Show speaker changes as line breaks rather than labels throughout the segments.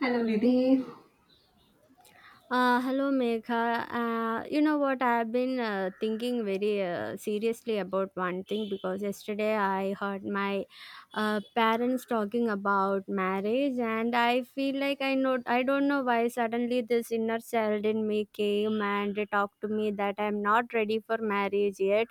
Hello, Nidhi.
Hello, Megha. You know what? I've been thinking very seriously about one thing because yesterday I heard my parents talking about marriage, and I feel like I know I don't know why suddenly this inner child in me came and talked to me that I'm not ready for marriage yet,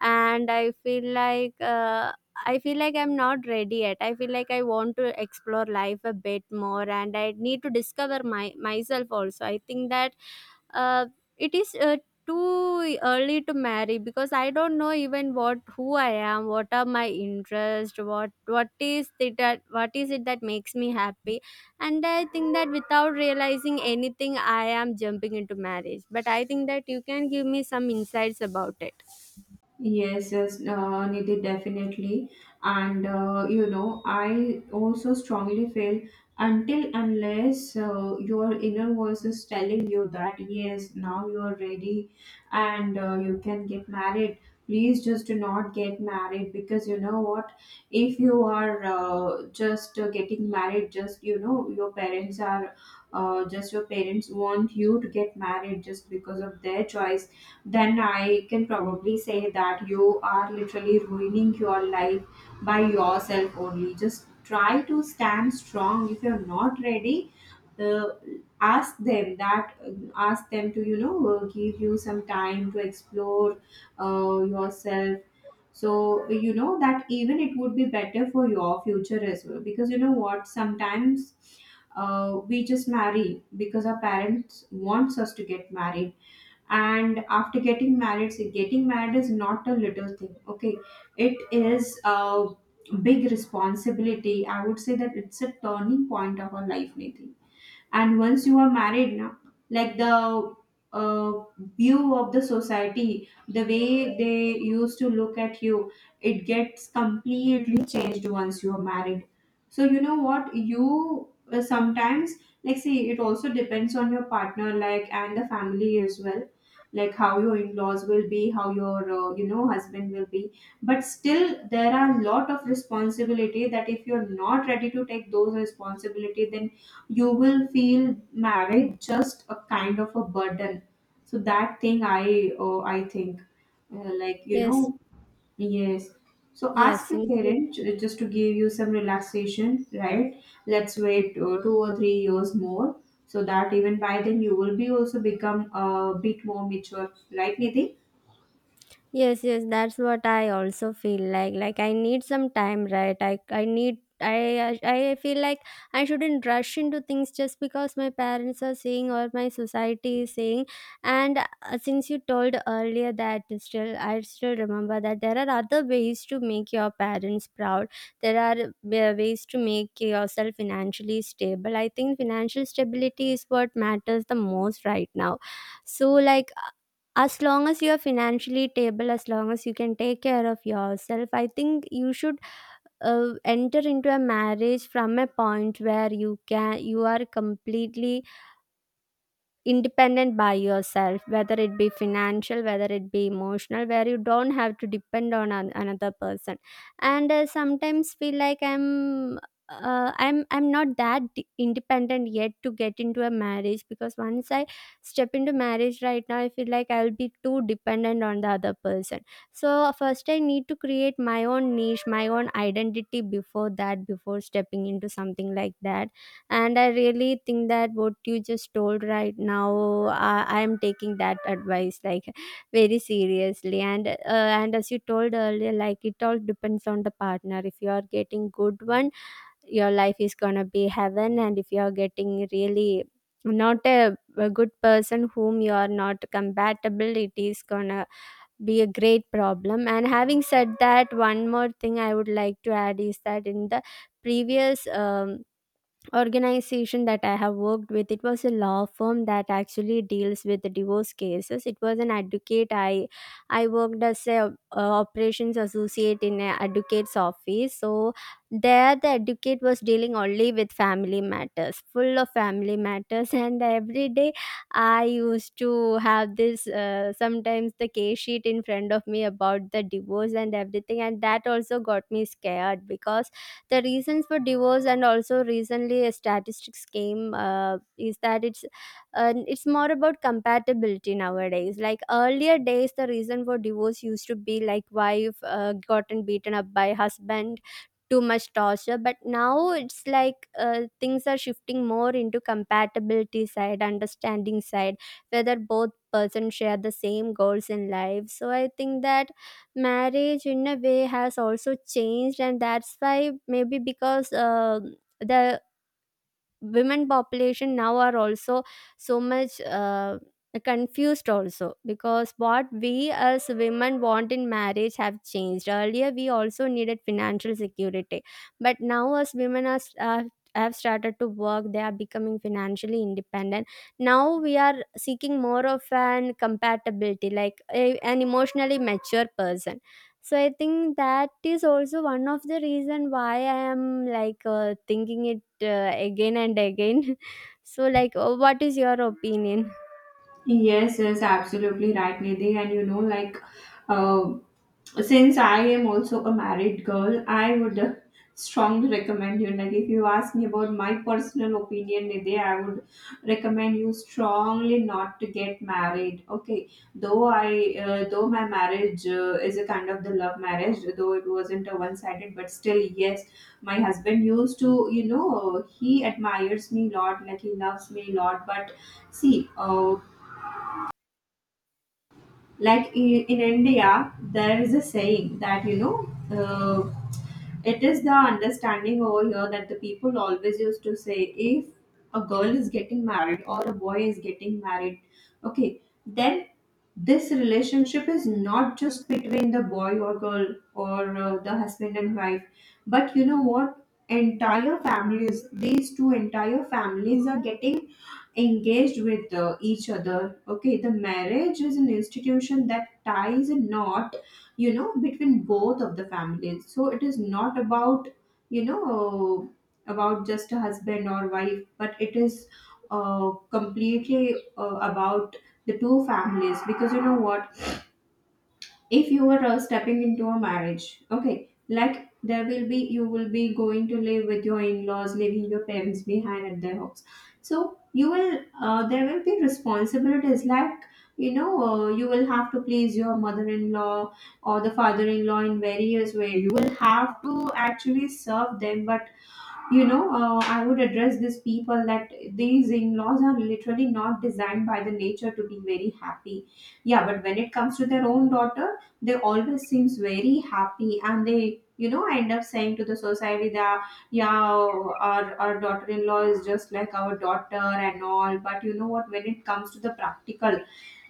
and I feel like I'm not ready yet. I feel like I want to explore life a bit more and I need to discover my myself also. I think that uh, it is too early to marry because I don't know even what who I am, what are my interests, what is it that makes me happy, and I think that without realizing anything, I am jumping into marriage. But I think that you can give me some insights about it.
Yes, yes, Nidhi, definitely. And you know, I also strongly feel until unless your inner voice is telling you that yes, now you are ready and you can get married. Please just do not get married because you know what? If you are just getting married, just you know, your parents are just your parents want you to get married just because of their choice, then I can probably say that you are literally ruining your life by yourself only. Just try to stand strong. If you're not ready, uh, ask them that, ask them to, you know, give you some time to explore yourself. So, you know, that even it would be better for your future as well. Because, you know what, sometimes we just marry because our parents wants us to get married, and after getting married, so getting married is not a little thing, okay, it is a big responsibility. I would say that it's a turning point of our life, Nidhi. And once you are married now, like the uh, view of the society, the way they used to look at you, it gets completely changed once you are married. So you know what, you sometimes, like, see, it also depends on your partner, like, and the family as well, like how your in-laws will be, how your you know husband will be. But still, there are a lot of responsibility that if you're not ready to take those responsibility, then you will feel marriage just a kind of a burden. So that thing, I think, like, you know,
Yes,
yes. So ask
yes,
your parent just to give you some relaxation, right? Let's wait 2 or 3 years more, so that even by then you will be also become a bit more mature, right, Nidhi?
yes, yes, that's what I also feel like. Like I need some time, right? I feel like I shouldn't rush into things just because my parents are saying or my society is saying. And since you told earlier that it's still I still remember that there are other ways to make your parents proud. There are ways to make yourself financially stable. I think financial stability is what matters the most right now. So like as long as you're financially stable, as long as you can take care of yourself, I think you should enter into a marriage from a point where you are completely independent by yourself, whether it be financial, whether it be emotional, where you don't have to depend on another person. And sometimes feel like I'm not that independent yet to get into a marriage, because once I step into marriage right now I feel like I'll be too dependent on the other person. So first I need to create my own niche, my own identity before that, before stepping into something like that. And I really think that what you just told right now, I am taking that advice like very seriously. And and as you told earlier, like it all depends on the partner. If you are getting good one, your life is gonna be heaven, and if you are getting really not a good person whom you are not compatible, it is gonna be a great problem. And having said that, one more thing I would like to add is that in the previous organization that I have worked with, it was a law firm that actually deals with the divorce cases. It was an advocate. I worked as a operations associate in an advocate's office. So there, the advocate was dealing only with family matters, full of family matters, and every day I used to have this sometimes the case sheet in front of me about the divorce and everything, and that also got me scared because the reasons for divorce, and also recently a statistics came is that it's more about compatibility nowadays. Like earlier days the reason for divorce used to be like wife gotten beaten up by husband, too much torture, but now it's like things are shifting more into compatibility side, understanding side, whether both persons share the same goals in life. So I think that marriage in a way has also changed, and that's why maybe because the women population now are also so much confused also, because what we as women want in marriage have changed. Earlier we also needed financial security, but now as are have started to work, they are becoming financially independent. Now we are seeking more of an compatibility, like an emotionally mature person. So I think that is also one of the reason why I am like thinking it again and again. So, like, oh, what is your opinion?
Yes, yes, absolutely right, Nidhi. And you know, like, uh, since I am also a married girl, I would strongly recommend you. Like, if you ask me about my personal opinion, Nidhi, I would recommend you strongly not to get married. Okay, though my marriage is a kind of the love marriage, though it wasn't a one-sided, but still, yes, my husband used to, you know, he admires me a lot, like he loves me a lot. But see, like in India, there is a saying that, you know, uh, it is the understanding over here that the people always used to say, if a girl is getting married or a boy is getting married, okay, then this relationship is not just between the boy or girl or the husband and wife, but you know what, entire families, these two entire families are getting engaged with each other. Okay, the marriage is an institution that ties a knot, you know, between both of the families. So it is not about, you know, about just a husband or wife, but it is completely about the two families. Because you know what, if you were stepping into a marriage, okay, like there will be, you will be going to live with your in-laws, leaving your parents behind at their house. So you will, there will be responsibilities, like, you know, you will have to please your mother-in-law or the father-in-law in various way. You will have to actually serve them. But you know, I would address these people that these in laws are literally not designed by the nature to be very happy. Yeah, but when it comes to their own daughter, they always seems very happy, and they, you know, end up saying to the society that, yeah, our daughter in law is just like our daughter and all. But you know what, when it comes to the practical,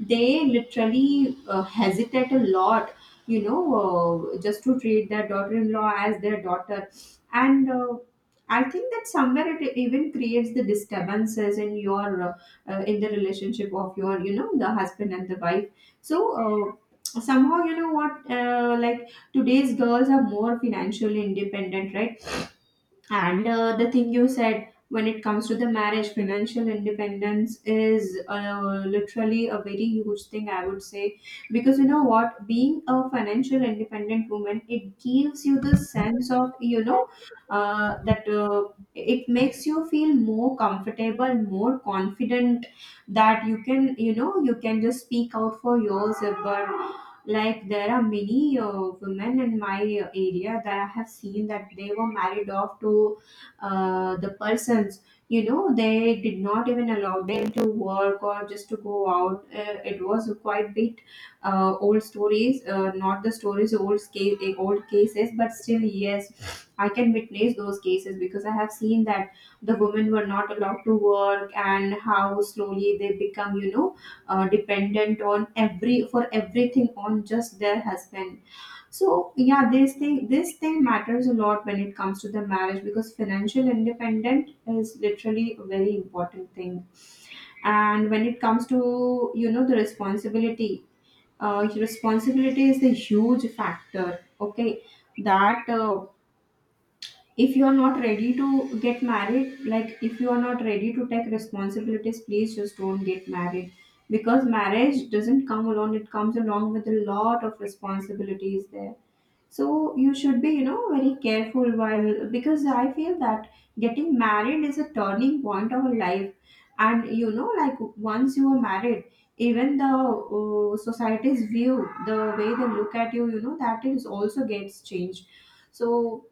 they literally hesitate a lot, you know, just to treat their daughter in law as their daughter. And I think that somewhere it even creates the disturbances in your in the relationship of your, you know, the husband and the wife. So somehow, you know what, like today's girls are more financially independent, right? And the thing you said, when it comes to the marriage, financial independence is literally a very huge thing, I would say. Because you know what? Being a financial independent woman, it gives you the sense of, you know, that it makes you feel more comfortable, more confident, that you can, you know, you can just speak out for yourself. But like, there are many women in my area that I have seen, that they were married off to the persons. You know, they did not even allow them to work or just to go out. It was quite bit old stories, not the stories, old case, old cases, but still, yes, I can witness those cases because I have seen that the women were not allowed to work and how slowly they become, you know, dependent on every for everything on just their husband. So yeah, this thing matters a lot when it comes to the marriage, because financial independent is literally a very important thing. And when it comes to, you know, the responsibility, responsibility is the huge factor. Okay, that if you are not ready to get married, like if you are not ready to take responsibilities, please just don't get married, because marriage doesn't come alone, it comes along with a lot of responsibilities there. So you should be, you know, very careful while, because I feel that getting married is a turning point of a life. And you know, like once you are married, even the society's view, the way they look at you, you know, that is also gets changed. So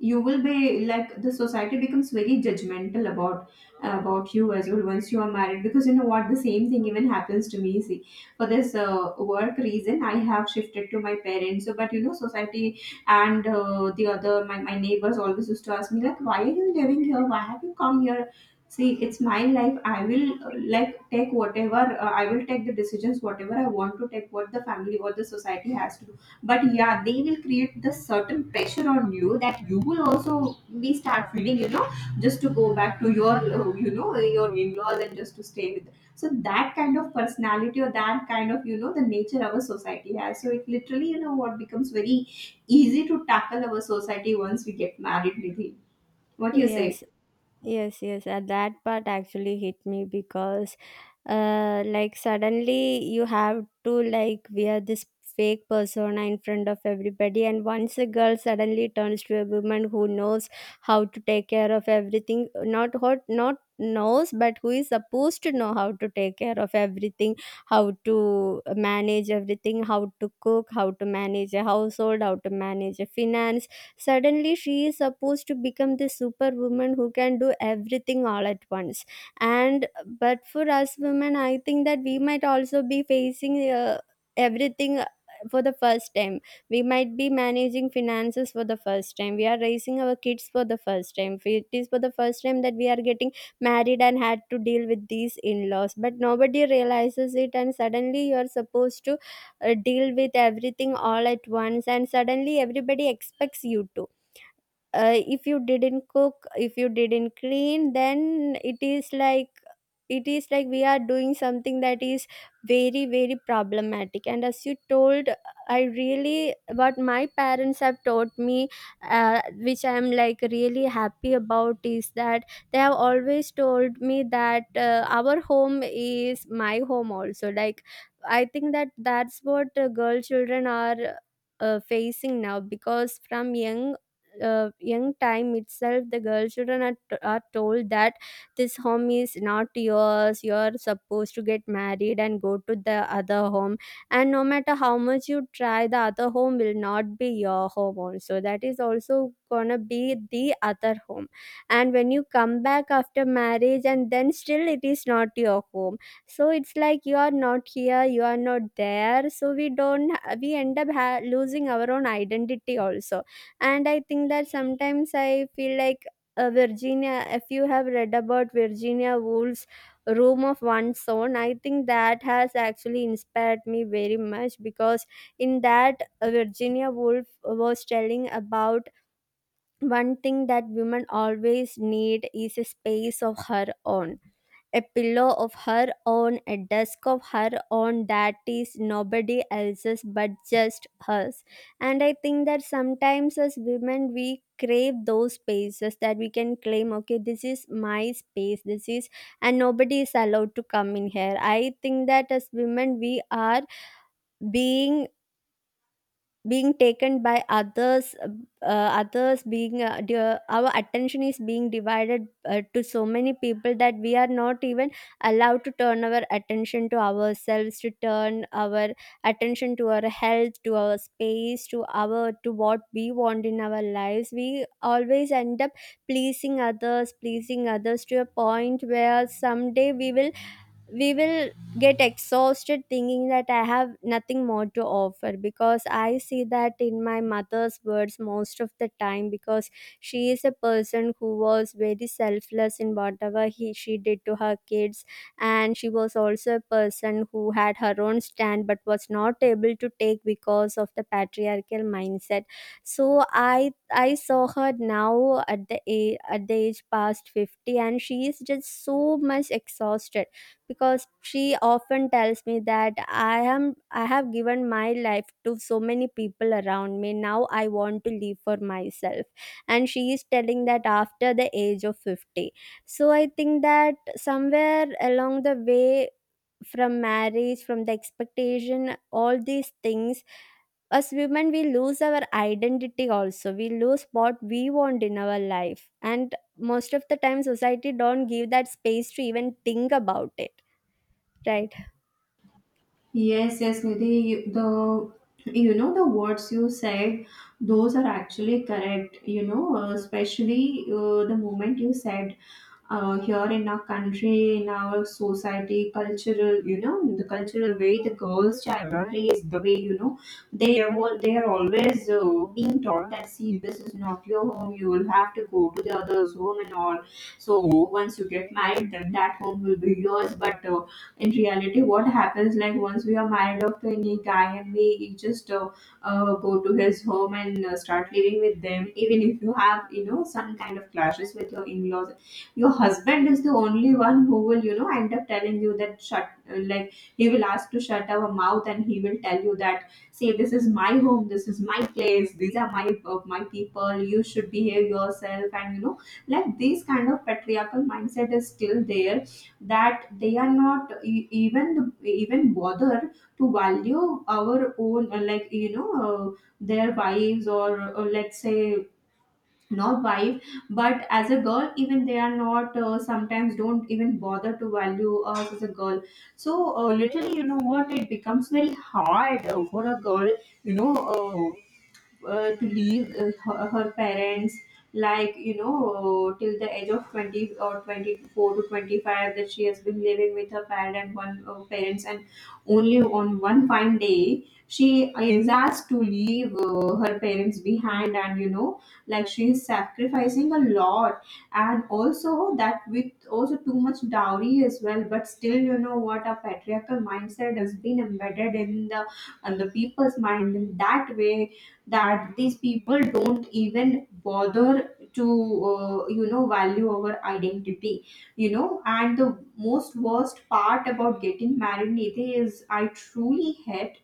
you will be like, the society becomes very judgmental about you as well, once you are married. Because you know what, the same thing even happens to me. See, for this work reason, I have shifted to my parents. So but you know, society and the other my neighbors always used to ask me like, why are you living here, why have you come here? See, it's my life, I will like take whatever, I will take the decisions whatever I want to take, what the family or the society has to. But yeah, they will create this certain pressure on you that you will also be start feeling, you know, just to go back to your you know your in-laws and just to stay with. So that kind of personality or that kind of, you know, the nature our society has, so it literally, you know what, becomes very easy to tackle our society once we get married, Nidhi. What do you say?
Yes, yes, yes. At that part actually hit me because like suddenly you have to like wear this fake persona in front of everybody. And once a girl suddenly turns to a woman who knows how to take care of everything, not what not knows, but who is supposed to know how to take care of everything, how to manage everything, how to cook, how to manage a household, how to manage a finance, suddenly she is supposed to become this superwoman who can do everything all at once. And but for us women, I think that we might also be facing everything for the first time. We might be managing finances for the first time, we are raising our kids for the first time, it is for the first time that we are getting married and had to deal with these in-laws, but nobody realizes it. And suddenly you're supposed to deal with everything all at once, and suddenly everybody expects you to if you didn't cook, if you didn't clean, then it is like we are doing something that is very very problematic. And as you told, I really what my parents have taught me, uh, which I am like really happy about, is that they have always told me that our home is my home also. Like I think that that's what girl children are facing now, because from young young time itself the girl children are told that this home is not yours, you're supposed to get married and go to the other home. And no matter how much you try, the other home will not be your home also, that is also gonna be the other home. And when you come back after marriage, and then still it is not your home. So it's like you are not here, you are not there, so we don't we end up losing our own identity also. And I think that sometimes I feel like Virginia, if you have read about Virginia Woolf's Room of One's Own, I think that has actually inspired me very much, because in that, Virginia Woolf was telling about one thing that women always need is a space of her own, a pillow of her own, a desk of her own, that is nobody else's but just hers. And I think that sometimes as women, we crave those spaces that we can claim, okay, this is my space, this is, and nobody is allowed to come in here. I think that as women, we are being being taken by others, others being our attention is being divided to so many people, that we are not even allowed to turn our attention to ourselves, to turn our attention to our health, to our space, to our to what we want in our lives. We always end up pleasing others to a point where someday we will we will get exhausted, thinking that I have nothing more to offer. Because I see that in my mother's words most of the time, because she is a person who was very selfless in whatever she did to her kids. And she was also a person who had her own stand but was not able to take because of the patriarchal mindset. So I saw her now at at the age past 50, and she is just so much exhausted, because she often tells me that I have given my life to so many people around me, now I want to live for myself. And she is telling that after the age of 50. So I think that somewhere along the way, from marriage, from the expectation, all these things, as women we lose our identity also, we lose what we want in our life, and most of the time society don't give that space to even think about it, right?
Yes, yes, Nidhi, the, you know, the words you said, those are actually correct. You know, especially the moment you said, here in our country, in our society, cultural, you know, the cultural way the girls' childhood is, the way, you know, they are always being taught that, see, this is not your home. You will have to go to the other's home and all. So once you get married, then that home will be yours. But in reality, what happens, like, once we are married off to any guy and we just go to his home and start living with them, even if you have, you know, some kind of clashes with your in laws, your husband is the only one who will, you know, end up telling you that shut, like he will ask to shut our mouth and he will tell you that see, this is my home, this is my place, these are my my people, you should behave yourself. And you know, like, this kind of patriarchal mindset is still there, that they are not even bother to value our own, like, you know, their wives, or let's say not wife, but as a girl, even they are not sometimes don't even bother to value us as a girl. So literally, you know what, it becomes very hard for a girl, you know uh, to leave her parents, like, you know, till the age of 20 or 24 to 25, that she has been living with her parents, and only on one fine day she is asked to leave her parents behind. And you know, like, she is sacrificing a lot, and also that with also too much dowry as well. But still, you know what, a patriarchal mindset has been embedded in the and the people's mind in that way, that these people don't even bother to you know, value our identity, you know. And the most worst part about getting married, Nidhi, is I truly hate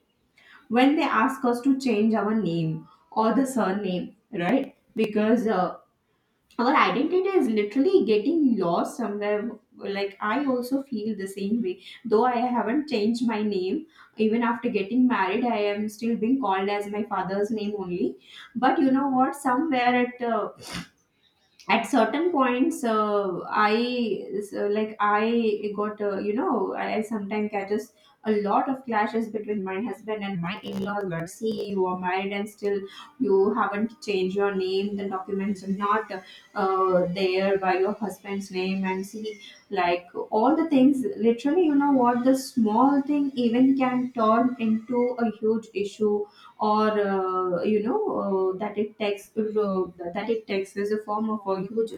when they ask us to change our name or the surname, right? Because our identity is literally getting lost somewhere. Like, I also feel the same way, though I haven't changed my name. Even after getting married, I am still being called as my father's name only. But you know what, somewhere it at certain points I, so, like, I got you know, I sometimes catches a lot of clashes between my husband and my in-laws. But see, you are married and still you haven't changed your name, the documents are not there by your husband's name, and see, like, all the things, literally, you know what, the small thing even can turn into a huge issue or you know, uh, that it takes uh, that it takes is a form of a huge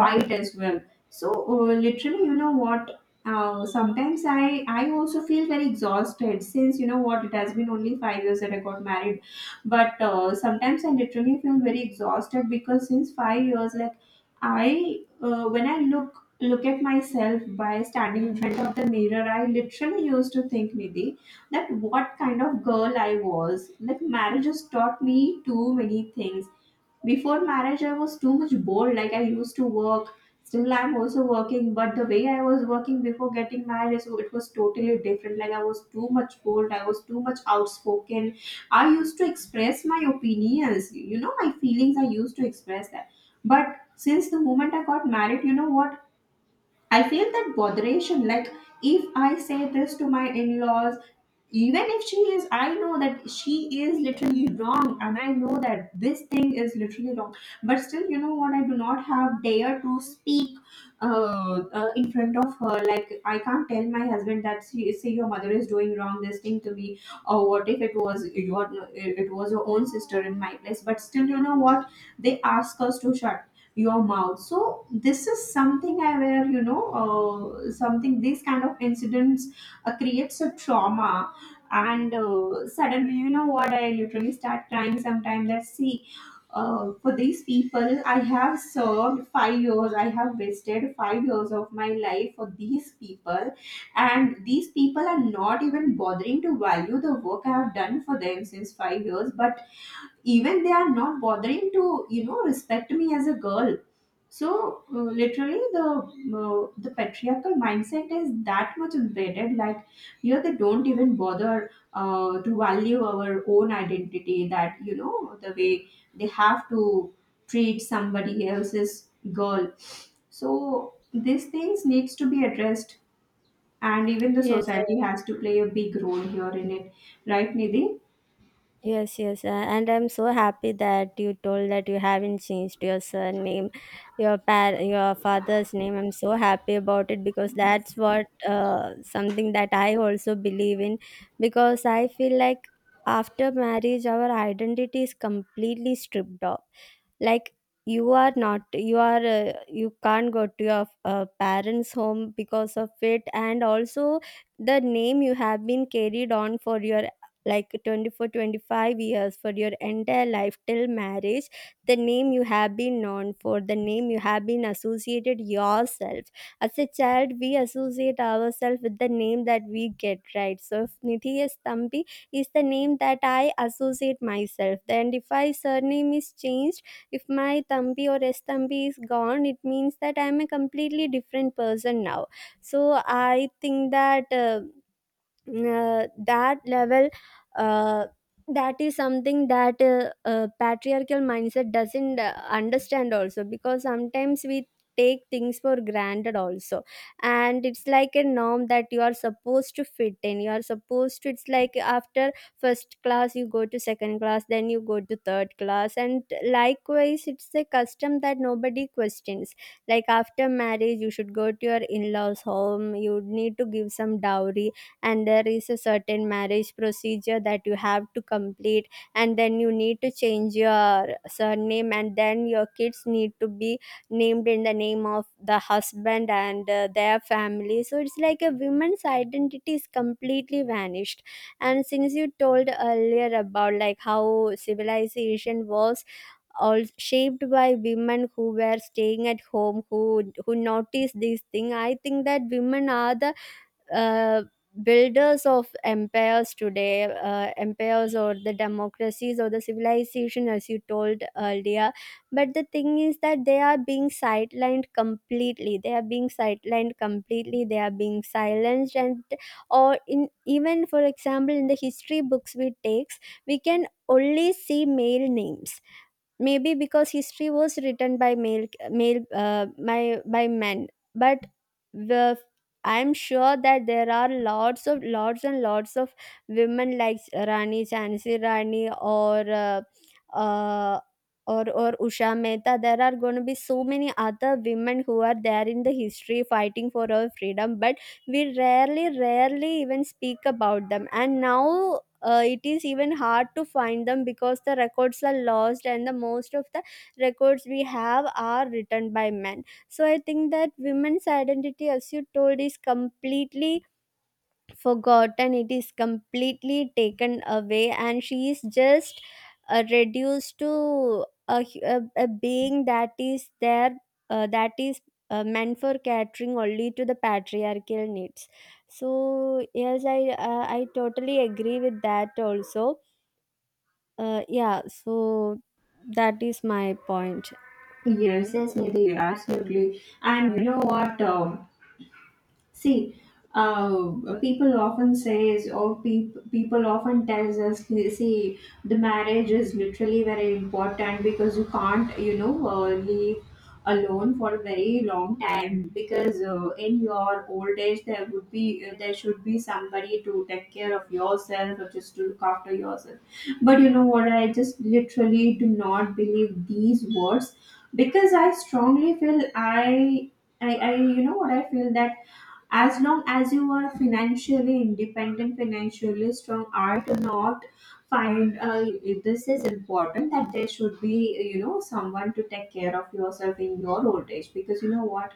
fight as well. So literally, you know what, sometimes I also feel very exhausted, since, you know what, it has been only 5 years that I got married. But sometimes I literally feel very exhausted because since 5 years, like, I when I look at myself by standing in front of the mirror, I literally used to think, Nidhi, that what kind of girl I was. Like, marriage has taught me too many things. Before marriage, I was too much bored. Like, I used to work. Still, I'm also working, but the way I was working before getting married, so it was totally different. Like, I was too much bold, I was too much outspoken. I used to express my opinions, you know, my feelings, I used to express that. But since the moment I got married, you know what, I feel that botheration. Like, if I say this to my in-laws, even if she is, I know that she is literally wrong, and I know that this thing is literally wrong. But still, you know what, I do not have dare to speak uh, in front of her. Like, I can't tell my husband that, see, say your mother is doing wrong this thing to me, or what if it was your own sister in my place? But still, you know what, they ask us to shut your mouth. So this is something, I, where, you know, something, these kind of incidents creates a trauma. And suddenly, you know what, I literally start crying sometimes. Let's see, for these people I have served 5 years, I have wasted 5 years of my life for these people, and these people are not even bothering to value the work I have done for them since 5 years. But even they are not bothering to, you know, respect me as a girl. So literally the patriarchal mindset is that much embedded, like, here they don't even bother to value our own identity, that, you know, the way they have to treat somebody else's girl. So these things needs to be addressed, and even the
Yes,
society has to play a big role here in it, right, Nidhi?
yes, yes. And I'm so happy that you told that you haven't changed your surname, your your father's name. I'm so happy about it because that's what something that I also believe in, because I feel like after marriage our identity is completely stripped off. Like, you are not you are you can't go to your parents home because of it. And also the name you have been carried on for your like 24 25 years, for your entire life till marriage, the name you have been known for, the name you have been associated yourself. As a child we associate ourselves with the name that we get, right? So if Nithi is Thampi is the name that I associate myself, then if I surname is changed, if my Tambi or S Tambi is gone, it means that I am a completely different person now. So I think that that level uh, that is something that patriarchal mindset doesn't understand also, because sometimes we take things for granted also. And it's like a norm that you are supposed to fit in, you are supposed to, it's like after first class you go to second class, then you go to third class, and likewise it's a custom that nobody questions. Like after marriage you should go to your in-laws home, you need to give some dowry, and there is a certain marriage procedure that you have to complete, and then you need to change your surname, and then your kids need to be named in the name of the husband and their family. So it's like a woman's identity is completely vanished. And since you told earlier about like how civilization was all shaped by women who were staying at home, who noticed these thing, I think that women are the uh, builders of empires today, empires or the democracies or the civilization, as you told earlier. But the thing is that they are being sidelined completely. They are being sidelined completely. They are being silenced, and or in even, for example, in the history books we takes, we can only see male names, maybe because history was written by men. But the, I'm sure that there are lots and lots of women like Rani Chansi Rani uh, or Usha Mehta. There are going to be so many other women who are there in the history fighting for our freedom, but we rarely even speak about them. And now, it is even hard to find them because the records are lost, and the most of the records we have are written by men. So I think that women's identity, as you told, is completely forgotten, it is completely taken away, and she is just reduced to a being that is there, that is meant for catering only to the patriarchal needs. So yes, I totally agree with that also. Uh, yeah, so that is my point.
Yes, yes, Nidhi, absolutely. And you know what, see, uh, people often says or peop people often tells us, see, the marriage is literally very important because you can't, you know, leave alone for a very long time, because in your old age there would be there should be somebody to take care of yourself or just to look after yourself. But you know what, I just literally do not believe these words, because I strongly feel, I you know what, I feel that as long as you are financially independent, financially strong, are to not find, this is important that there should be, you know, someone to take care of yourself in your old age. Because you know what,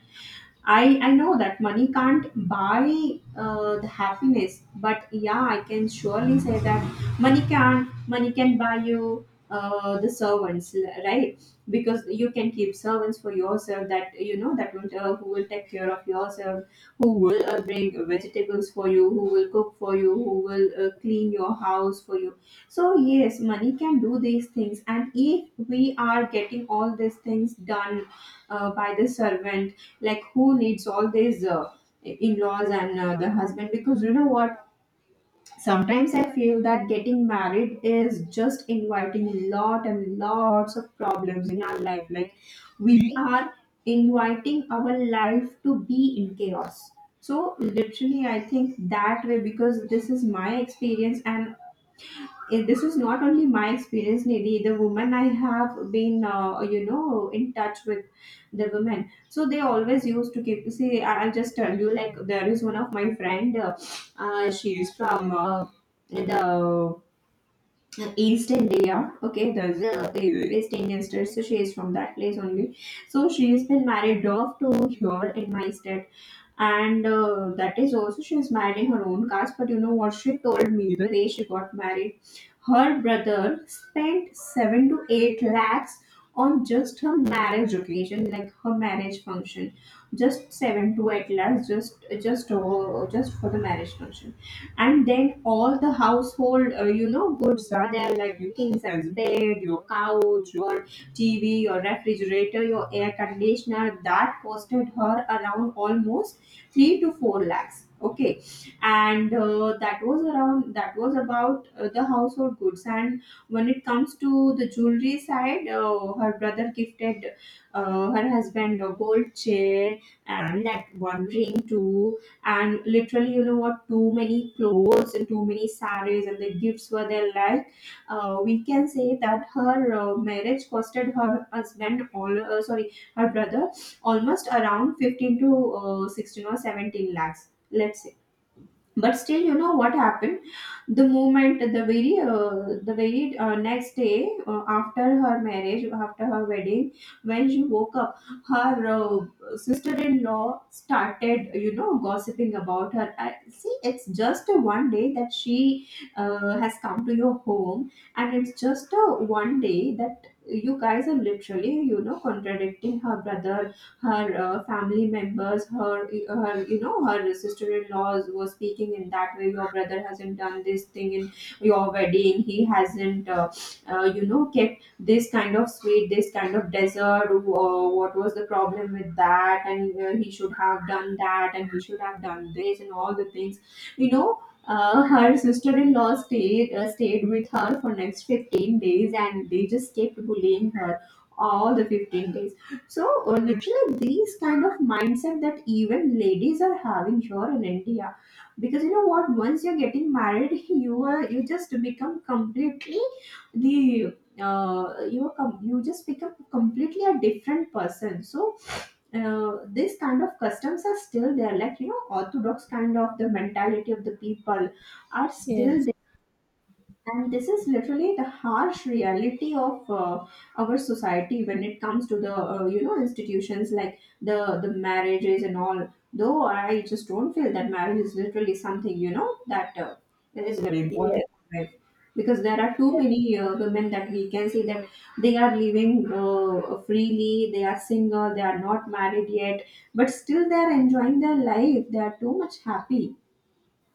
I know that money can't buy the happiness, but yeah, I can surely say that money can buy you the servants, right? Because you can keep servants for yourself that, you know, that will who will take care of yourself, who will bring vegetables for you, who will cook for you, who will clean your house for you. So yes, money can do these things, and if we are getting all these things done by the servant, like, who needs all these in-laws and the husband? Because you know what, sometimes I feel that getting married is just inviting lot and lots of problems in our life. Like, we are inviting our life to be in chaos. So literally, I think that way because this is my experience. And this is not only my experience, Nidhi. The women I have been you know, in touch with, the women, so they always used to keep, see, I'll just tell you, like, there is one of my friend she's from the east india, okay, there's east indian state, so she is from that place only. So she's been married off to here in my state. And that is also, she was married in her own caste. But you know what, she told me the day she got married, her brother spent 7 to 8 lakhs on just her marriage occasion, like her marriage function, just 7 to 8 lakhs, just for the marriage function. And then all the household you know, goods are there, like your king size bed, your couch, your TV, your refrigerator, your air conditioner, that costed her around almost 3 to 4 lakhs, okay. And that was around, that was about the household goods. And when it comes to the jewelry side, her brother gifted her husband a gold chain and that one ring too. And literally, you know what, too many clothes and too many sarees and the gifts were there. Like, we can say that her marriage costed her husband, all sorry, her brother, almost around 15 to 16 or 17 lakhs, let's say. But still, you know what happened, the moment, the very next day after her marriage, after her wedding, when she woke up, her sister-in-law started, you know, gossiping about her. I, see, it's just a one day that she has come to your home, and it's just a one day that you guys are literally, you know, contradicting. Her brother, her family members, her, her, you know, her sister-in-laws were speaking in that way, your brother hasn't done this thing in your wedding, he hasn't you know, kept this kind of sweet, this kind of dessert, what was the problem with that, and he should have done that and he should have done this and all the things, you know. Uh, her sister-in-law stayed with her for next 15 days, and they just kept bullying her all the 15 days. So literally, these kind of mindset that even ladies are having here in India, because you know what, once you're getting married, you are, you just become completely the you just become completely a different person. So this kind of customs are still there, like, you know, orthodox kind of the mentality of the people are still.
Yes.
And this is literally the harsh reality of our society when it comes to the you know, institutions like the marriages and all. Though I just don't feel that marriage is literally something, you know, that that is very
Yes.
important, right? Because there are too many women that we can see that they are living freely, they are single, they are not married yet, but still they are enjoying their life, they are too much happy.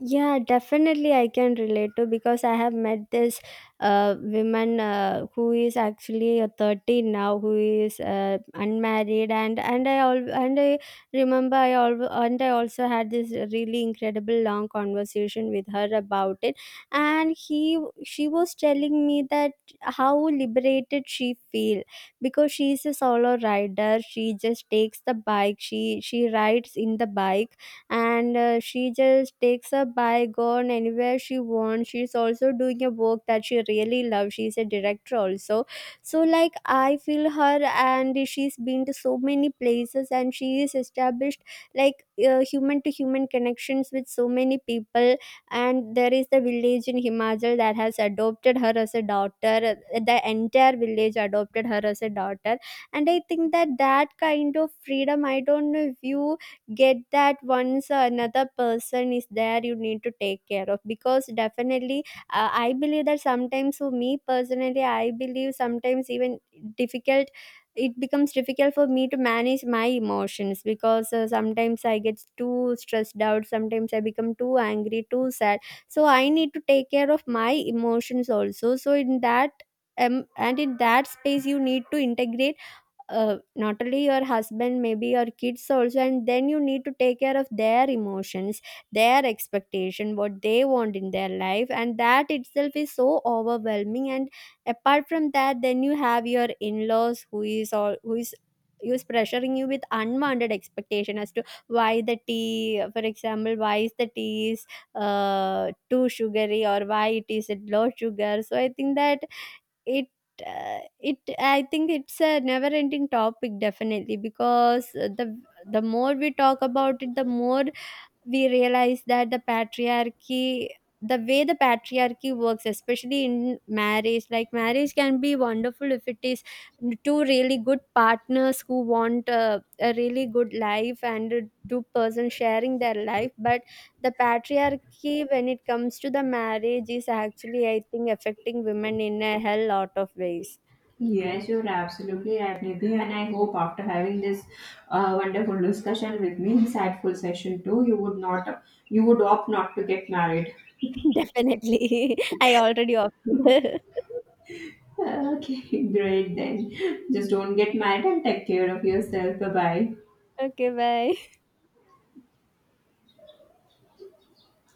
Yeah, definitely I can relate to, because I have met this woman who is actually a 30 now, who is unmarried, and I remember I al- and I also had this really incredible long conversation with her about it, and he she was telling me that how liberated she feel, because she is a solo rider. She just takes the bike, she rides in the bike, and she just takes a bike gone anywhere she wants. She's also doing a work that she really loves, she's a director also. So like I feel her, and she's been to so many places, and she is established like human to human connections with so many people. And there is the village in Himachal that has adopted her as a daughter, the entire village adopted her as a daughter. And I think that that kind of freedom, I don't know if you get that, once another person is there you need to take care of. Because definitely, I believe that sometimes, for me personally I believe, sometimes even difficult it becomes difficult for me to manage my emotions, because sometimes I get too stressed out, sometimes I become too angry, too sad. So I need to take care of my emotions also. So in that, and in that space you need to integrate not only your husband, maybe your kids also, and then you need to take care of their emotions, their expectation, what they want in their life. And that itself is so overwhelming, and apart from that, then you have your in-laws who is all who is pressuring you with unwanted expectation as to why the tea, for example, why is the tea is too sugary, or why it is at low sugar. So I think that it it I think it's a never ending topic, definitely, because the more we talk about it, the more we realize that the way the patriarchy works, especially in marriage. Like marriage can be wonderful if it is two really good partners who want a really good life, and two persons sharing their life. But the patriarchy, when it comes to the marriage, is actually, I think, affecting women in a hell lot of ways.
Yes, you're absolutely right, Nidhi. And I hope after having this wonderful discussion with me, insightful session too, you would opt not to get married.
Definitely. I already opted.
Okay, great then. Just don't get married and take care of yourself. Bye bye.
Okay, bye.